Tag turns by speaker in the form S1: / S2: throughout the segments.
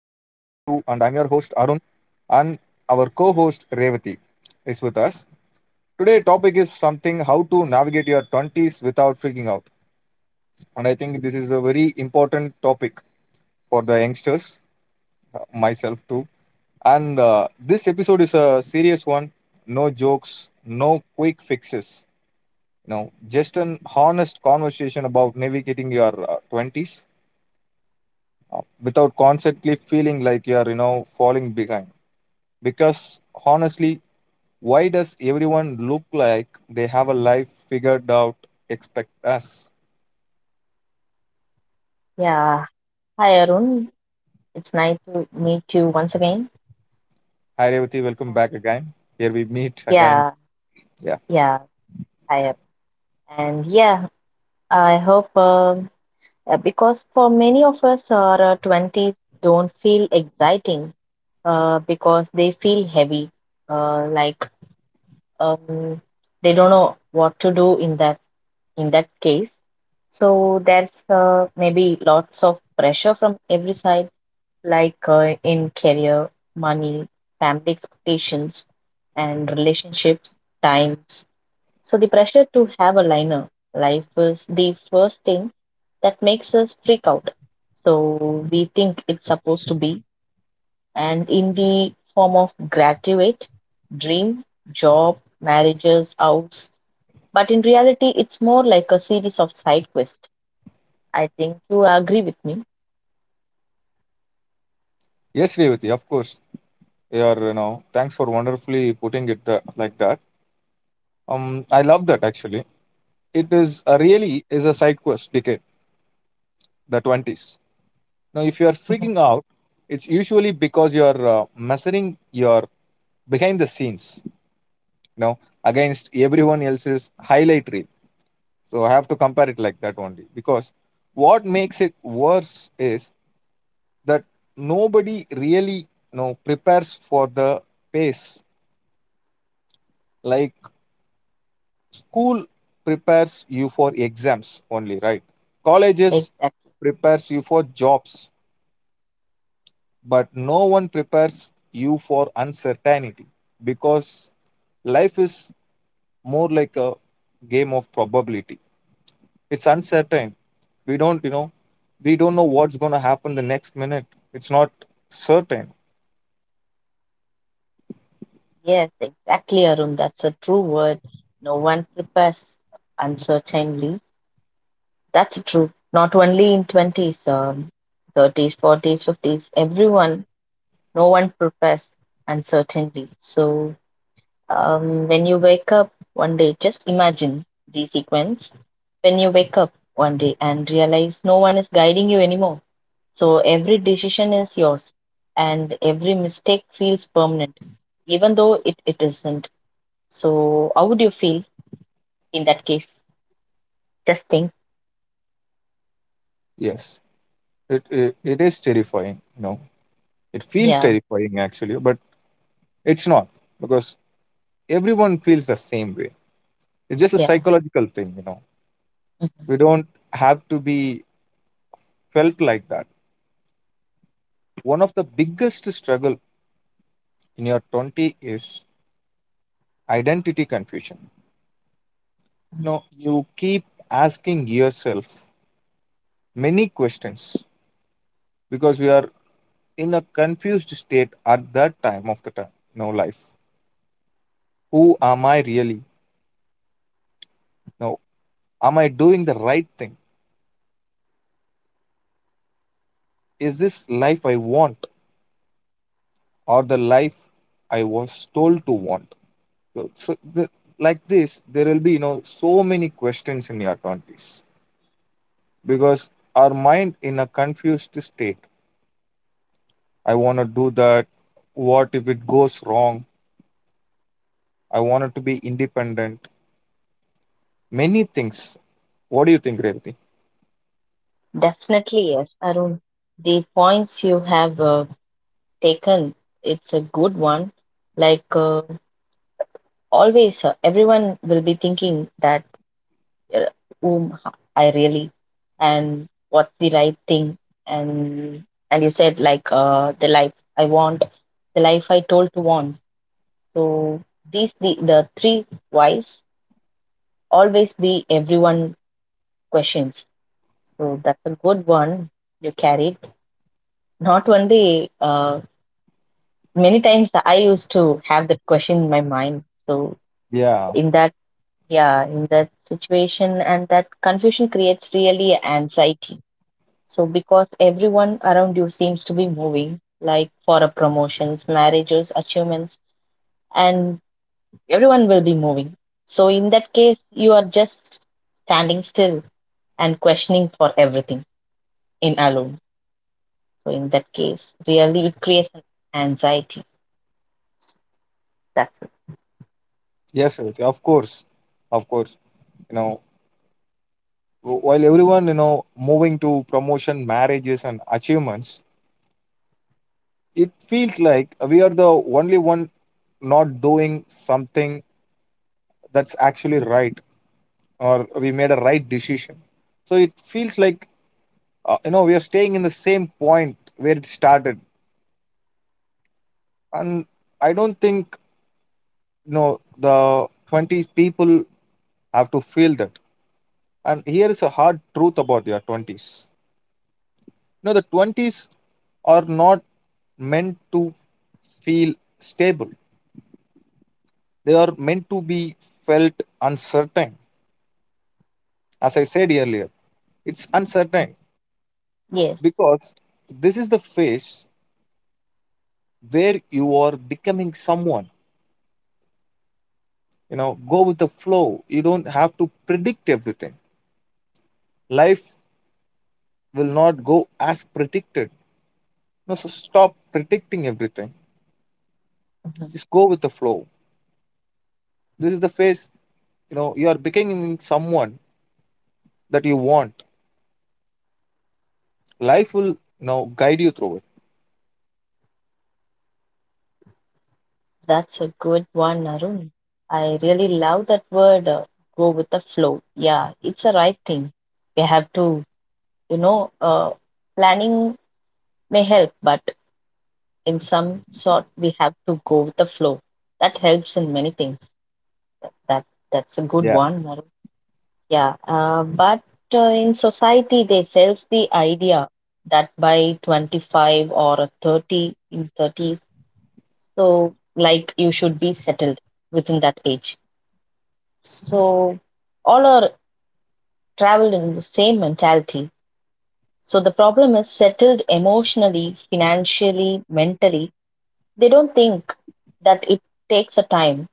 S1: 2, and I'm your host Arun, and our co host Revati is with us. Today, topic is something how to navigate your 20s without freaking out. And I think this is a very important topic for the youngsters, myself too. And this episode is a serious one, no jokes, no quick fixes. Just an honest conversation about navigating your 20s without constantly feeling like you're falling behind. Because honestly, why does everyone look like they have a life figured out expect us?
S2: Yeah. Hi, Arun. It's nice to meet you once again.
S1: Hi Revati, welcome back again. Here we meet again.
S2: Yeah,
S1: Yeah.
S2: yeah, I am. And yeah, I hope because for many of us, our 20s don't feel exciting because they feel heavy. Like um, they don't know what to do in that case. So there's maybe lots of pressure from every side. Like in career, money, family expectations, and relationships, times. So the pressure to have a liner life is the first thing that makes us freak out. So we think it's supposed to be, and in the form of graduate, dream, job, marriages, house. But in reality, it's more like a series of side quests. I think you agree with me.
S1: Yes, Revati, of course. Thanks for wonderfully putting it like that. I love that actually. It is a
S2: Right.
S1: really is a side quest decade, the 20s. Now if you are
S2: Mhm.
S1: freaking out, it's usually because you're measuring your behind the scenes, you know, against everyone else's highlight reel. So I have to compare it like that only because what makes it worse is that nobody really, you know, prepares for the pace. Like school prepares you for exams only, right? Colleges
S2: Exactly.
S1: prepares you for jobs, but no one prepares you for uncertainty, because life is more like a game of probability. It's uncertain. We don't, you know, we don't know what's going to happen the next minute. It's not certain.
S2: Yes, exactly, Arun. That's a true word. No one prepares uncertainly. That's true. Not only in 20s, 30s, 40s, 50s, everyone, no one prepares uncertainly. So when you wake up one day, just imagine the sequence. When you wake up one day and realize no one is guiding you anymore. So every decision is yours and every mistake feels permanent, even though it isn't. So how would you feel in that case? Just think.
S1: Yes, it is terrifying. You know, it feels
S2: Yeah,
S1: terrifying actually, but it's not, because everyone feels the same way. It's just a
S2: yeah.
S1: psychological thing. You know,
S2: Mhm.
S1: we don't have to be felt like that. One of the biggest struggle in your 20 is identity confusion.
S2: Mhm.
S1: Now you keep asking yourself many questions, because we are in a confused state at that time of the time, no, life. Who am I really? No. Am I doing the right thing? Is this life I want, or the life I was told to want? So like this, there will be, you know, so many questions in your 20s because our mind in a confused state. I want to do that. What if it goes wrong? I wanted to be independent. Many things. What do you think, Revati?
S2: Definitely, yes, Arun. The points you have taken, it's a good one. Like always, everyone will be thinking that uh, whom I really and what's the right thing. And and you said like the life I want, the life I told to want. So these the three whys always be everyone questions. So that's a good one you carried. Not only many times I used to have that question in my mind. So
S1: Yeah.
S2: in that yeah, in that situation and that confusion creates really anxiety. So because everyone around you seems to be moving, like for a promotions, marriages, achievements, and everyone will be moving. So in that case, you are just standing still and questioning for everything in alone. So in that case, really it creates an anxiety. That's
S1: Yes, Revati. Of course. Of course. You know, while everyone, you know, moving to promotion, marriages, and achievements, it feels like we are the only one not doing something that's actually right, or we made a right decision. So it feels like, you know, we are staying in the same point where it started. And I don't think, no, the 20s people have to feel that. And here is a hard truth about your 20s. No, the 20s are not meant to feel stable, they are meant to be felt uncertain. As I said earlier, it's
S2: it.
S1: uncertain,
S2: Yes.
S1: because this is the phase where you are becoming someone. You know, go with the flow, you don't have to predict everything. Life will not go as predicted. No, so stop predicting everything.
S2: Mhm.
S1: Just go with the flow. This is the phase, you know, you are becoming someone that you want. Life will, you know, guide you through it.
S2: That's a good one, Arun. I really love that word, go with the flow. Yeah, it's the right thing. We have to, you know, uh, planning may help, but in some sort, we have to go with the flow. That helps in many things. That, that that's a good
S1: Yeah.
S2: one, Arun. Yeah, but in society, they sells the idea that by 25 or a 30 in 30s, so like you should be settled within that age. So all are traveled in the same mentality. So the problem is settled emotionally, financially, mentally. They don't think that it takes a time.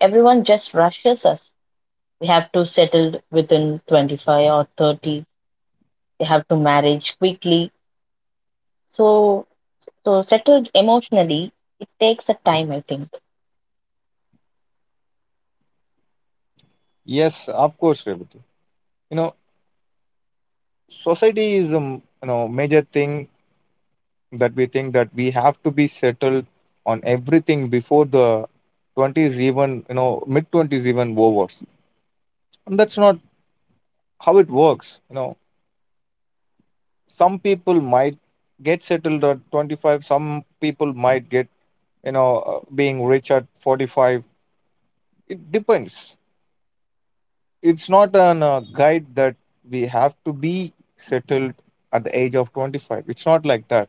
S2: Everyone just rushes us. We have to settle within 25 or 30. We have to marriage quickly. So, so settled emotionally, it takes a time, I think.
S1: Yes, of course, Revati. You know, society is a you know major thing that we think that we have to be settled on everything before the 20s, even you know mid twenties even over, and that's not how it works. You know, some people might get settled at 25, some people might get, you know, being rich at 45. It depends. It's not an guide that we have to be settled at the age of 25. It's not like that.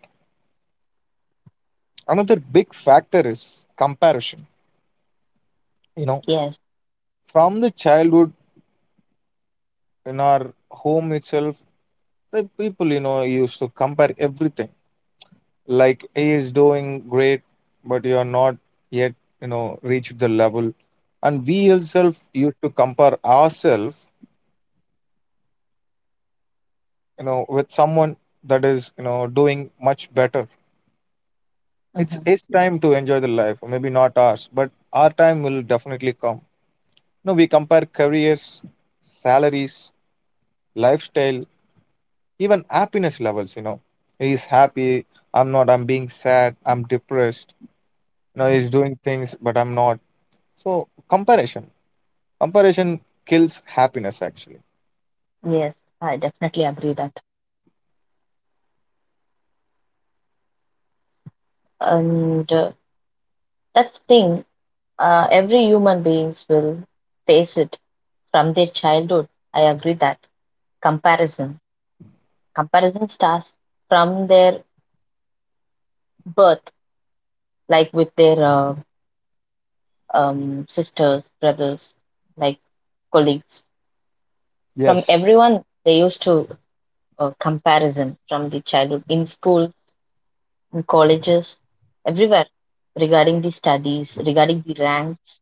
S1: Another big factor is comparison. You know,
S2: Yes.
S1: from the childhood, in our home itself, the people, you know, used to compare everything. Like, he is doing great but you are not yet, you know, reached the level. And we ourselves used to compare ourselves, you know, with someone that is, you know, doing much better. It's
S2: Mm-hmm,
S1: his time to enjoy the life, or maybe not ours, but our time will definitely come. You know, we compare careers, salaries, lifestyle, even happiness levels. You know, he's happy, I'm not, I'm being sad, I'm depressed. You know,
S2: hmm.
S1: he's doing things but I'm not. So comparison, comparison kills happiness actually.
S2: Yes, I definitely agree that. And that's the thing, every human beings will face it from their childhood. I agree that comparison, comparison starts from their birth, like with their sisters, brothers, like colleagues, from
S1: Yes.
S2: everyone. They used to comparison from the childhood in schools. In colleges, everywhere regarding the studies, regarding the ranks.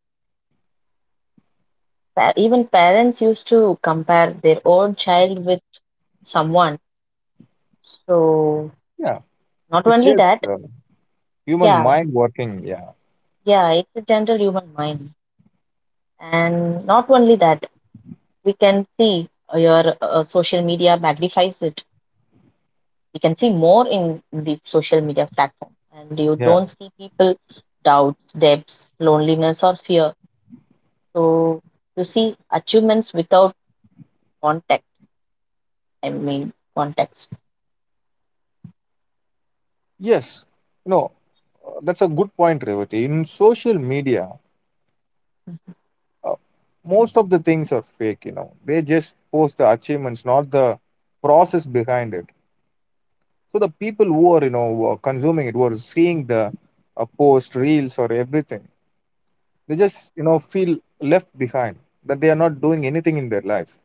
S2: Even parents used to compare their own child with someone. So,
S1: Yeah,
S2: not
S1: it's
S2: only
S1: just
S2: that,
S1: human
S2: yeah,
S1: mind working. Yeah,
S2: yeah, it's a general human mind. And not only that, we can see your social media magnifies it. We can see more in the social media platform, and you
S1: yeah.
S2: don't see people doubts, debts, loneliness, or fear. So, you see achievements without contact, I mean, context.
S1: Yes. No. That's a good point, Revati. In social media, uh, most of the things are fake, you know. They just post the achievements, not the process behind it. So the people who are, you know, who are consuming it, who are seeing the post, reels, or everything, they just, you know, feel left behind, that they are not doing anything in their life.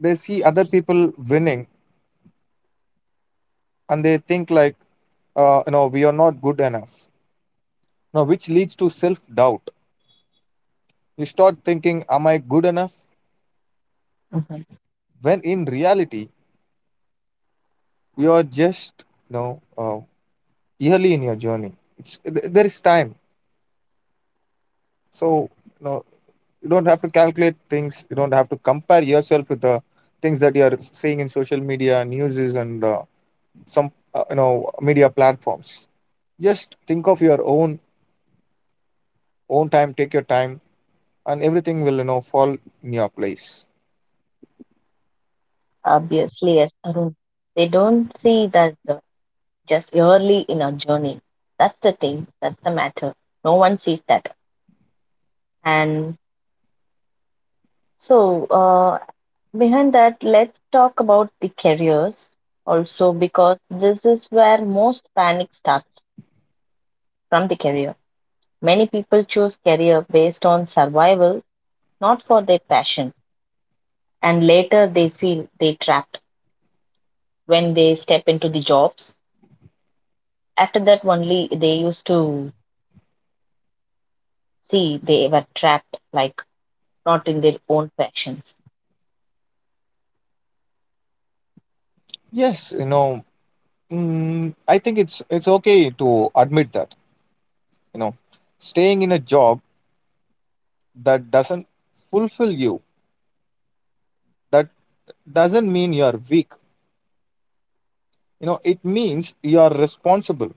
S1: They see other people winning and they think, like, you know, we are not good enough. Now, which leads to self doubt. You start thinking, am I good enough?
S2: Mhm.
S1: When in reality, you're just, you know, early in your journey. There is time, so, you know, you don't have to calculate things. You don't have to compare yourself with the things that you're seeing in social media, newses, and some you know media platforms. Just think of your own time. Take your time, and everything will, you know, fall in your place.
S2: Obviously, yes, Arun. They don't see that just early in our journey. That's the thing, that's the matter. No one sees that. And so, behind that, let's talk about the careers also because this is where most panic starts from the career. Many people choose career based on survival, not for their passion. And later they feel they trapped when they step into the jobs. After that, only they used to see they were trapped, like not in their own passions.
S1: Yes, you know. I think it's okay to admit that, you know, staying in a job that doesn't fulfill you, that doesn't mean you're weak, you know, it means you're responsible.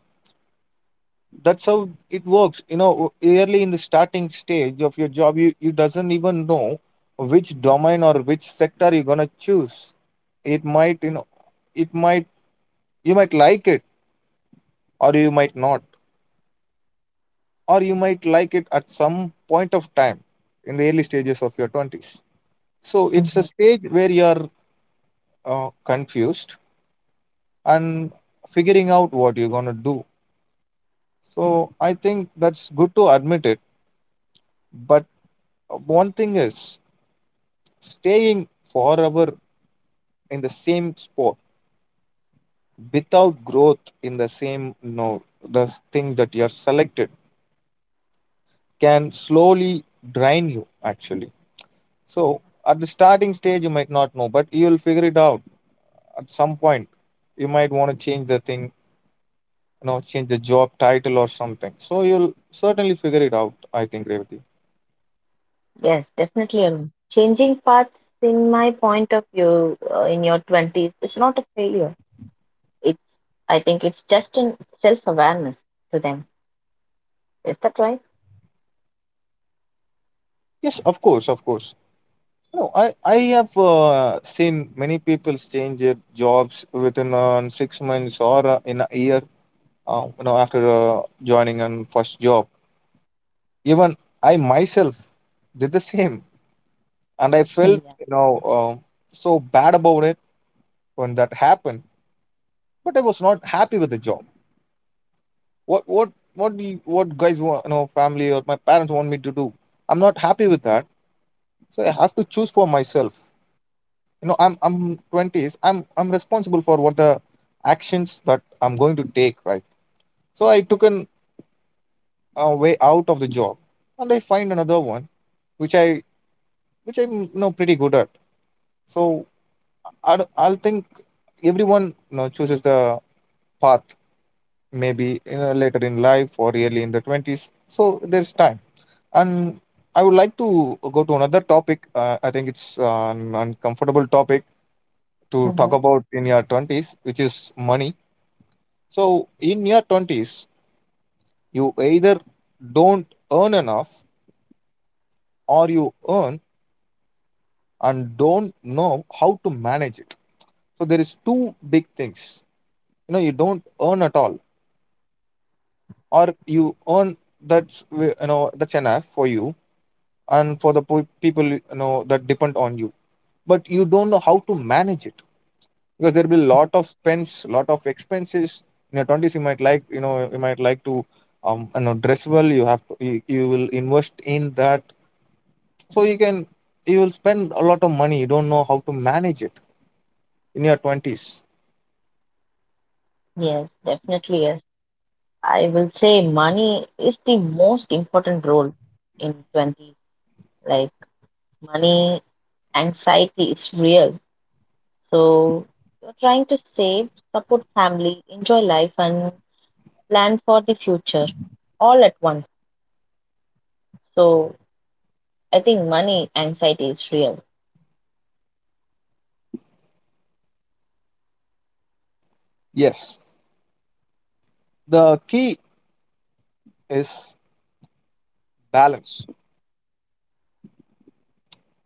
S1: That's how it works. You know, early in the starting stage of your job, you doesn't even know which domain or which sector you're going to choose. It might, you know, it might, you might like it or you might not, or you might like it at some point of time in the early stages of your 20s. So it's a
S2: Mhm.
S1: stage where you're confused and figuring out what you're going to do. So I think that's good to admit it. But one thing is, staying forever in the same spot without growth in the same, no, the thing that you're selected can slowly drain you actually. So at the starting stage you might not know, but you'll figure it out at some point. You might want to change the thing, you know, change the job title or something. So you'll certainly figure it out, I think, Revati.
S2: Yes, definitely, Arun. Changing paths, in my point of view, in your 20s, is not a failure. It's, I think it's just an self awareness to them. Is that right?
S1: Yes, of course, of course. No, I have seen many people change their jobs within 6 months or in a year. You know, after joining on first job, even I myself did the same, and I felt,
S2: Yeah.
S1: you know, uh, so bad about it when that happened. But I was not happy with the job. What guys want, you know, family or my parents want me to do? I'm not happy with that, so I have to choose for myself. You know, I'm 20s, I'm responsible for what the actions that I'm going to take, right? So I took an way out of the job and I find another one which i which I'm, you know, pretty good at. So I, don't- I'll think everyone, you know, chooses the path, maybe you know later in life or early in the 20s. So there's time. And I would like to go to another topic. I think it's an uncomfortable topic to talk
S2: Mhm.
S1: about in your 20s, which is money. So, in your 20s, you either don't earn enough, or you earn and don't know how to manage it. So, there is two big things. You know, you don't earn at all, or you earn that's you know that's enough for you and for the people, you know, that depend on you. But you don't know how to manage it, because there will be a lot of spends, lot of expenses. In your 20s, you might like, you know, you might like to you know dress well. You have to, you will invest in that, so you can, you will spend a lot of money, you don't know how to manage it in your 20s.
S2: Yes, definitely. Yes. I will say money is the most important role in 20s. Like, money anxiety is real. So you're trying to save, support family, enjoy life, and plan for the future all at once. So I think money anxiety is real.
S1: Yes, the key is balance.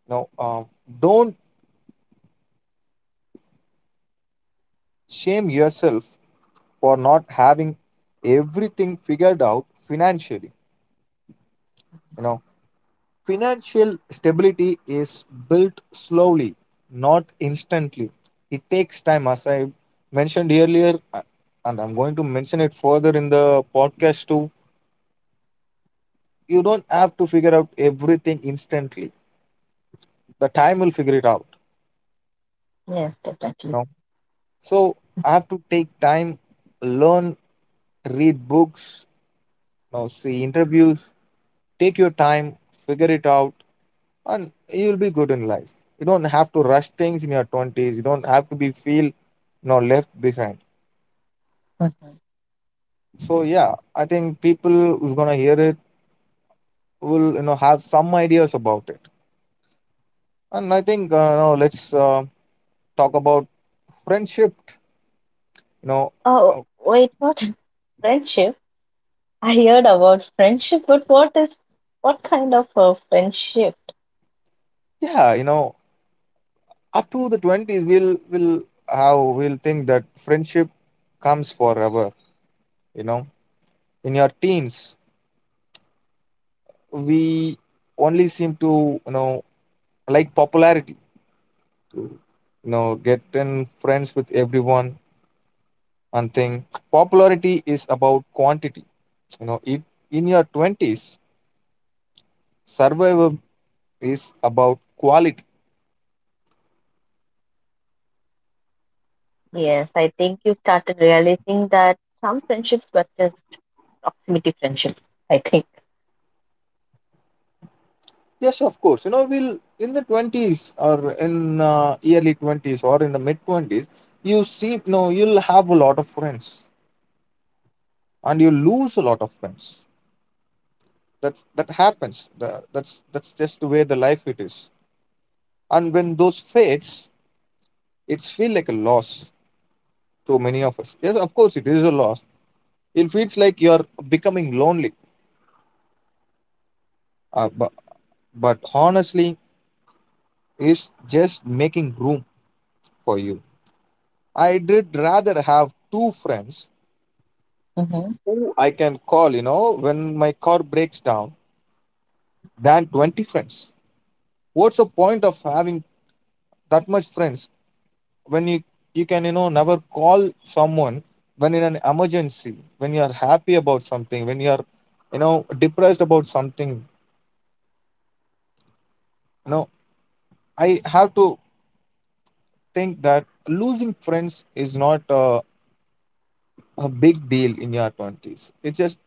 S1: Now, don't shame yourself for not having everything figured out financially. You know, financial stability is built slowly, not instantly. It takes time, as I mentioned earlier, and I'm going to mention it further in the podcast too. You don't have to figure out everything instantly. The time will figure it out.
S2: Yes, definitely.
S1: No. So I have to take time, learn, read books, you know, see interviews, take your time, figure it out, and you'll be good in life. You don't have to rush things in your twenties. You don't have to be feel, you know, left behind.
S2: Mhm.
S1: So yeah, I think people who's gonna hear it will have some ideas about it. And I think let's talk about friendship. You know,
S2: Oh,
S1: uh,
S2: wait, what? Friendship? I heard about friendship, but what kind of a friendship?
S1: yeah, up to the 20s, we'll will how we'll think that friendship comes forever, you know in your teens we only seem to, like popularity, to get in friends with everyone, and think popularity is about quantity. You know it. In your 20s, survival is about quality.
S2: Yes, I think you started realizing that some friendships were just proximity friendships. I think.
S1: Yes, of course. We'll in the 20s, or in early 20s, or in the mid 20s, you see, no, you'll have a lot of friends, and you lose a lot of friends. That happens. The, that's just the way the life it is. And when those fades, it's feel like a loss to many of us. Yes, of course, it is a loss. It feels like you're becoming lonely. Uh, but but honestly, it's just making room for you. I did rather have two friends
S2: Mm-hmm.
S1: who I can call, when my car breaks down, than 20 friends. What's the point of having that much friends when you can, never call someone when in an emergency, when you are happy about something, when you are, depressed about something? You know, I have to think that losing friends is not a big deal in your 20s. It's just,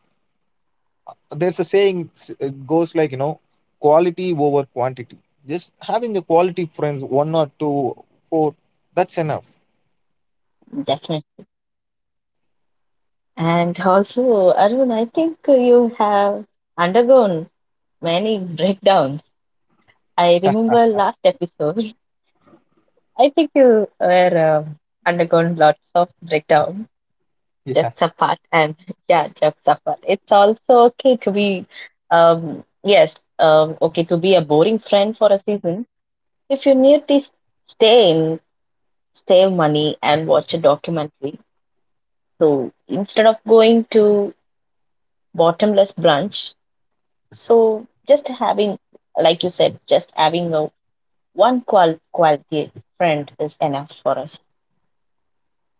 S1: there's a saying it goes like, quality over quantity. Just having a quality friends, one or two, four, that's enough.
S2: And also, Arun, I think you have undergone many breakdowns. I remember last episode. I think you were undergone lots of breakdown.
S1: Yeah,
S2: Jokes apart, and yeah, jokes apart. It's also okay to be, yes, okay to be a boring friend for a season if you need to stay in, save money and watch a documentary. So instead of going to bottomless brunch, so just having, like you said, just having a one quality friend is enough for us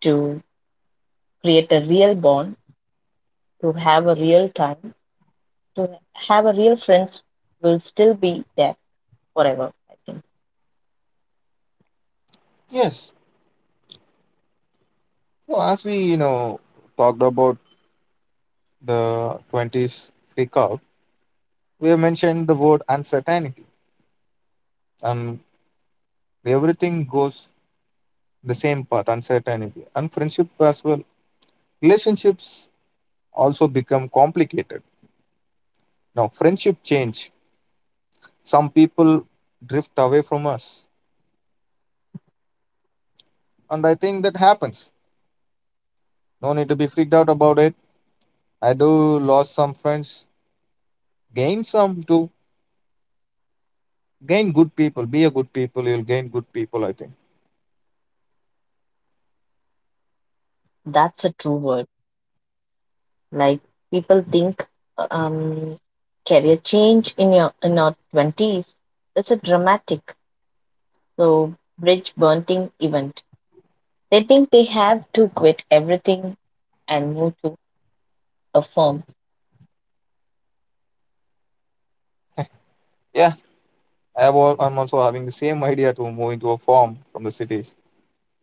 S2: to create a real bond, to have a real time, to have a real friends will still be there forever. I think
S1: yes. So, as we talked about the 20s freak out, we have mentioned the word uncertainty, and everything goes the same path, uncertainty, and friendship as well. Relationships also become complicated. Now friendship change, some people drift away from us, and I think that happens. No need to be freaked out about it. I do lost some friends, gain some too. Gain good people. Be a good people. You'll gain good people, I think.
S2: that's a true word. Like people think, um, career change in our 20s is a dramatic, so bridge burning event. They think they have to quit everything and move to a firm.
S1: Yeah, I'm also having the same idea to move into a farm from the cities.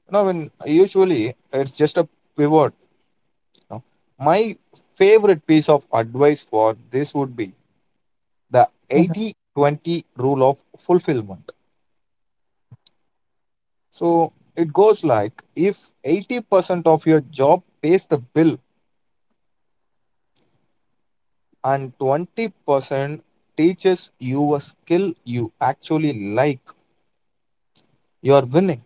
S1: You know, when usually it's just a pivot. You know. My favorite piece of advice for this would be the
S2: Mhm.
S1: 80-20 rule of fulfillment. So it goes like, if 80% of your job pays the bill, and 20% teaches you a skill you actually like, you're winning.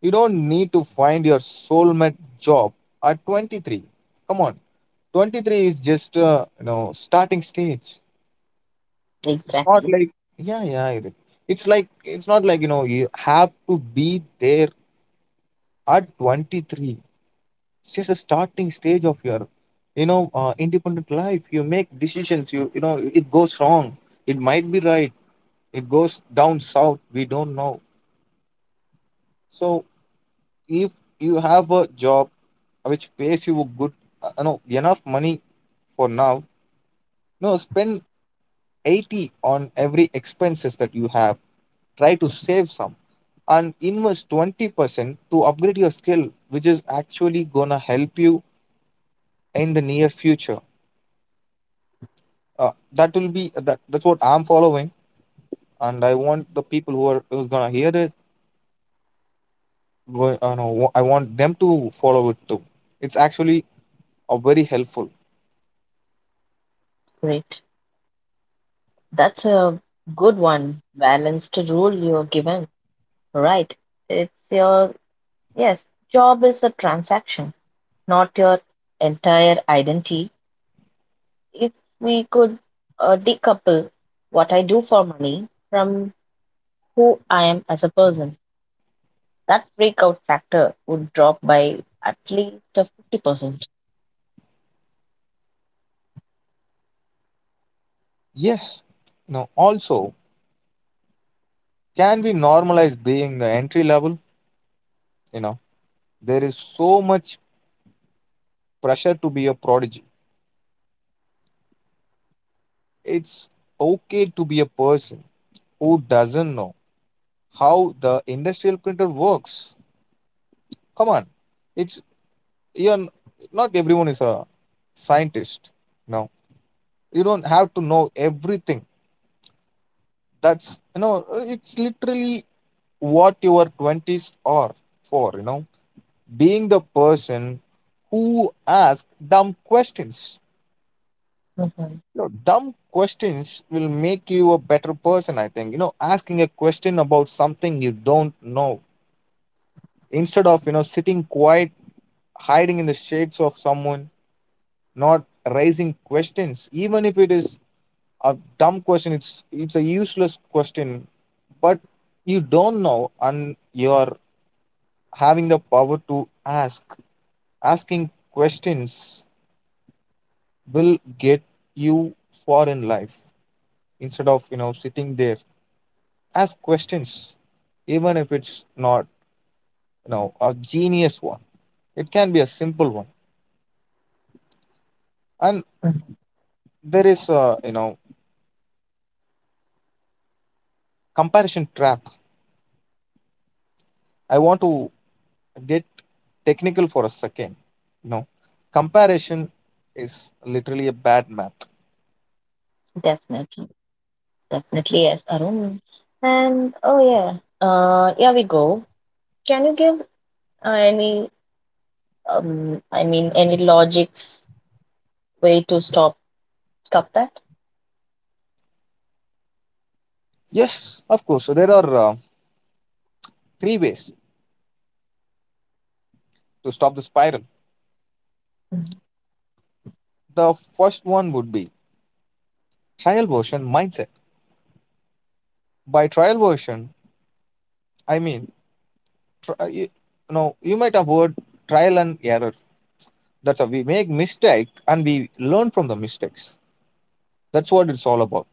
S1: You don't need to find your soulmate job at 23. Come on, 23 is just starting stage. It's not
S2: Exactly.
S1: like, yeah, yeah. It's like, it's not like you have to be there at 23. It's just a starting stage of your, independent life. You make decisions. You know it goes wrong. It might be right, it goes down south, we don't know. So if you have a job which pays you a good, enough money for now, no, spend 80 on every expenses that you have, try to save some, and invest 20% to upgrade your skill, which is actually gonna help you in the near future. That will be that that's what I'm following, and I want the people who's gonna hear it go, I, know, I want them to follow it too. It's actually are very helpful.
S2: Great. That's a good one. Balanced rule you're given. Right. It's your, yes, job is a transaction, not your entire identity. If we could decouple what I do for money from who I am as a person, that breakout factor would drop by at least a 50% percent.
S1: Yes, also, can we normalize being the entry level? You know, there is so much pressure to be a prodigy. It's okay to be a person who doesn't know how the industrial printer works. Come on, it's you're n- not everyone is a scientist. No, you don't have to know everything. That's you know, it's literally what your 20s are for, being the person who asks dumb questions.
S2: Mhm.
S1: You know, dumb questions will make you a better person, I think. Asking a question about something you don't know, instead of, sitting quiet, hiding in the shades of someone, not raising questions. Even if it is a dumb question, it's a useless question, but you don't know, and you're having the power to ask. Asking questions will get you far in life, instead of sitting there. Ask questions, even if it's not a genius one, it can be a simple one. And
S2: Mhm.
S1: there is a, comparison trap. I want to get technical for a second. you know comparison is literally a bad map.
S2: Definitely. Definitely, yes, Arun. And oh yeah, yeah, we go. Can you give any, I mean, any logics way to stop that?
S1: Yes, of course. So there are three ways to stop the spiral.
S2: Mhm.
S1: The first one would be trial version mindset. By trial version I mean try, you might have heard trial and error. That's how we make mistake, and we learn from the mistakes. That's what it's all about.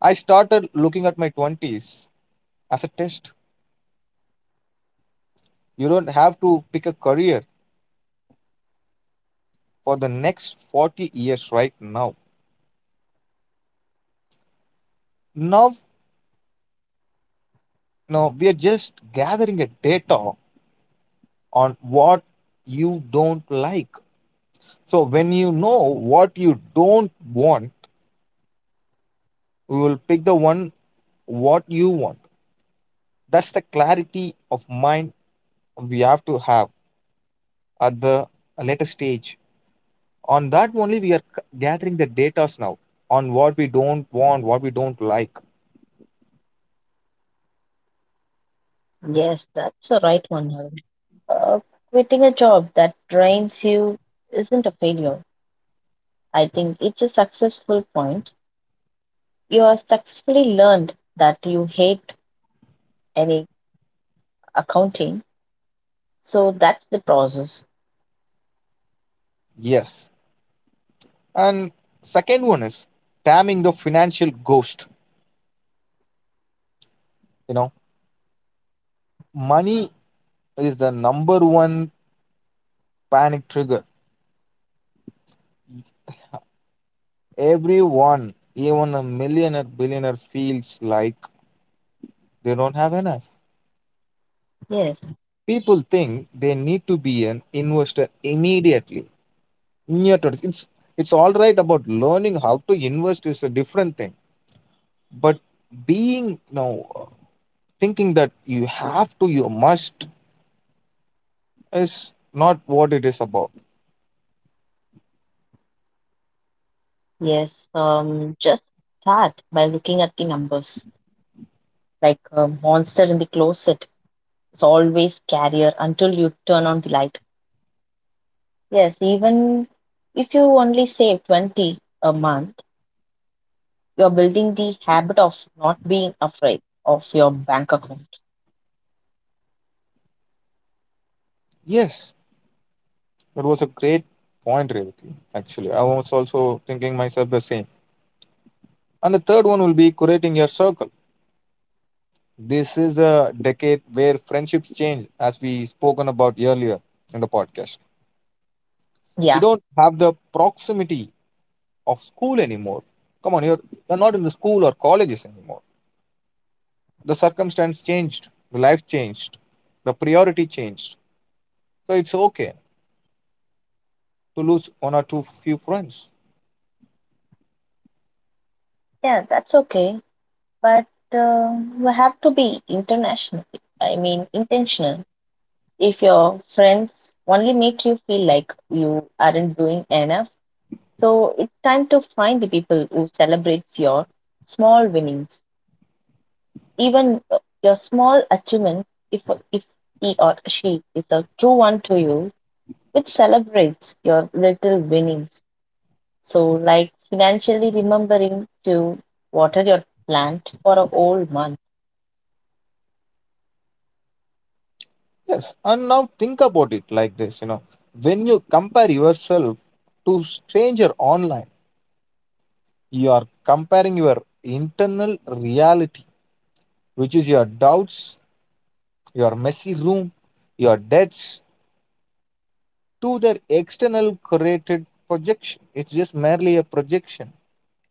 S1: I started looking at my 20s as a test. You don't have to pick a career for the next 40 years right now. Now, now, we are just gathering a data on what you don't like. So when you know what you don't want, you will pick the one what you want. That's the clarity of mind we have to have at the later stage. On that only, we are gathering the datas now on what we don't want, what we don't like.
S2: Yes, that's the right one, Arun. Uh, Quitting a job that drains you isn't a failure. I think it's a successful point. You have successfully learned that you hate any accounting, so that's the process.
S1: Yes. And second one is damning the financial ghost. You know, money is the number one panic trigger. Everyone, even a millionaire, billionaire, feels like they don't have enough.
S2: Yes.
S1: People think they need to be an investor immediately. Yeah, totally. It's all right, about learning how to invest is a different thing, but being, thinking that you have to, you must, is not what it is about.
S2: Yes, just start by looking at the numbers. Like a monster in the closet is always scarier until you turn on the light. Yes, even if you only save 20 a month, you're building the habit of not being afraid of your bank account.
S1: Yes, that was a great point, Revati. Actually, I was also thinking myself the same. And the third one will be curating your circle. This is a decade where friendships change, as we spoken about earlier in the podcast. You
S2: Yeah,
S1: don't have the proximity of school anymore. Come on, you're, not in the school or colleges anymore. The circumstance changed, the life changed, the priority changed. So it's okay to lose one or two few friends.
S2: yeah, that's okay. But you have to be international. I mean, intentional. If your friends only make you feel like you aren't doing enough, so it's time to find the people who celebrates your small winnings, even your small achievements. If he or she is a true one to you, it celebrates your little winnings. So like financially remembering to water your plant for a whole month.
S1: Yes, and now think about it like this, when you compare yourself to stranger online, you are comparing your internal reality, which is your doubts, your messy room, your debts, to their external created projection. It's just merely a projection.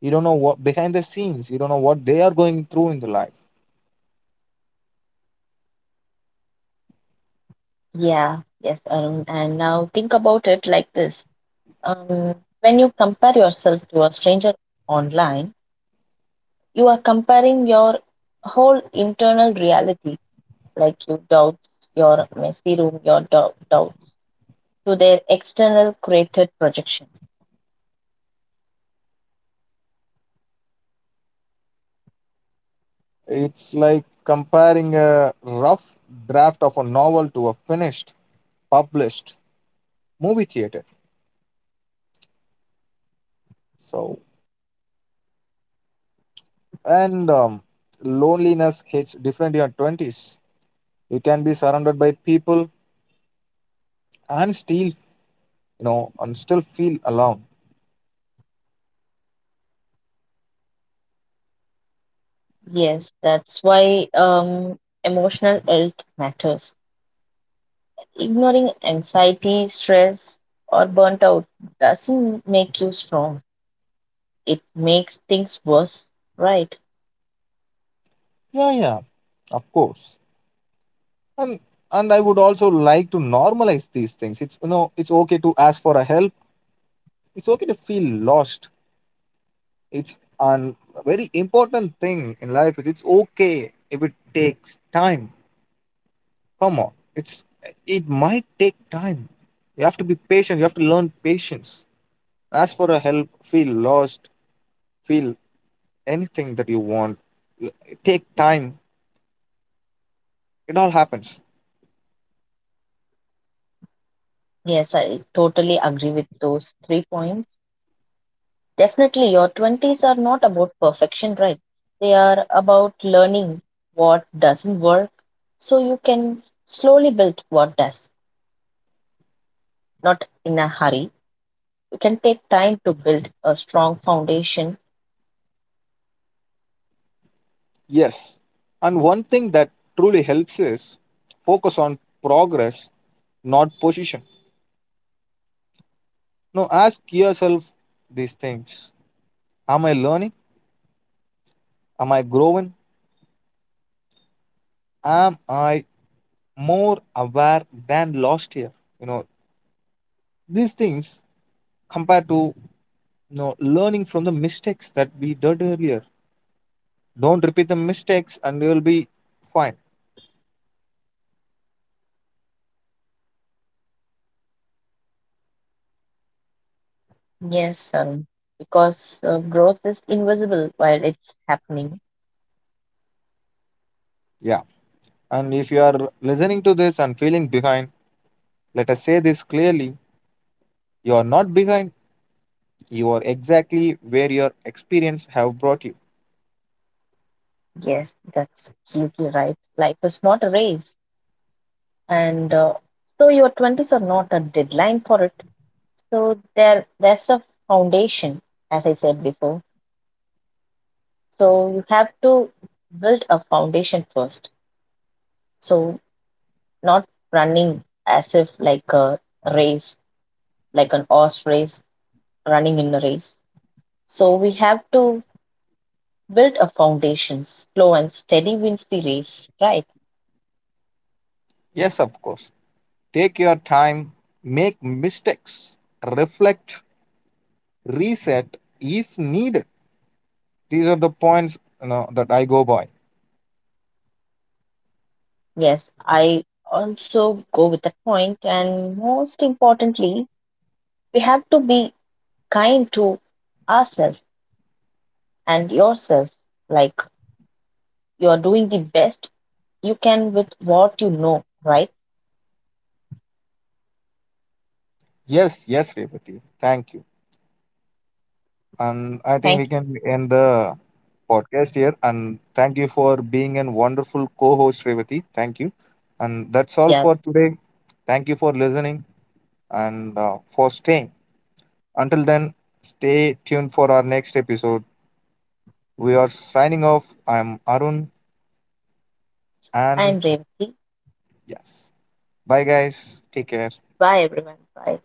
S1: You don't know what behind the scenes, you don't know what they are going through in the life.
S2: Yeah, yes, Arun. And now think about it like this. Um, when you compare yourself to a stranger online, you are comparing your whole internal reality, like your doubts, your messy room, your doubts, to their external created projection.
S1: It's like comparing a rough draft of a novel to a finished, published movie theater. So, and loneliness hits different in your 20s. You can be surrounded by people, and still you know and still feel alone.
S2: Yes, that's why emotional health matters. Ignoring anxiety, stress, or burnt out doesn't make you strong. It makes things worse, right?
S1: Yeah, yeah, of course. And and I would also like to normalize these things. It's you know it's okay to ask for a help. It's okay to feel lost. It's a very important thing in life. Is it's okay if it takes time. Come on, it might take time. You have to be patient. You have to learn patience. Ask for a help. Feel lost. Feel anything that you want. You- Take time. It all happens.
S2: Yes, I totally agree with those three points. Definitely, your 20s are not about perfection, right? They are about learning what doesn't work so you can slowly build what does, not in a hurry. You can take time to build a strong foundation.
S1: Yes. And one thing that truly helps is focus on progress, not position. Now ask yourself these things. Am I learning? Am I growing? Am I more aware than last year? You know, these things compared to, learning from the mistakes that we did earlier. Don't repeat the mistakes, and you'll be fine.
S2: Yes, because growth is invisible while it's happening.
S1: Yeah. And if you are listening to this and feeling behind, let us say this clearly. You are not behind. You are exactly where your experience have brought you.
S2: Yes, that's absolutely right. Life is not a race. And so your 20s are not a deadline for it. So there, there's a foundation, as I said before. So you have to build a foundation first. So not running as if like a race, like an horse race, running in a race. So we have to build a foundation. Slow and steady wins the race, right?
S1: Yes, of course. Take your time, make mistakes, reflect, reset if needed. These are the points, that I go by.
S2: Yes, I also go with that point. And most importantly, we have to be kind to ourselves and yourself. Like you are doing the best you can with what you know, right?
S1: Yes, yes, Revati. Thank you. And I think we
S2: Thank you.
S1: can end the podcast here. And thank you for being a wonderful co-host, Revati. Thank you. And that's all
S2: Yes,
S1: for today. Thank you for listening, and for staying. Until then, stay tuned for our next episode. We are signing off. I'm Arun, and
S2: I'm Revati.
S1: yes, bye guys. Take care.
S2: Bye everyone. Bye.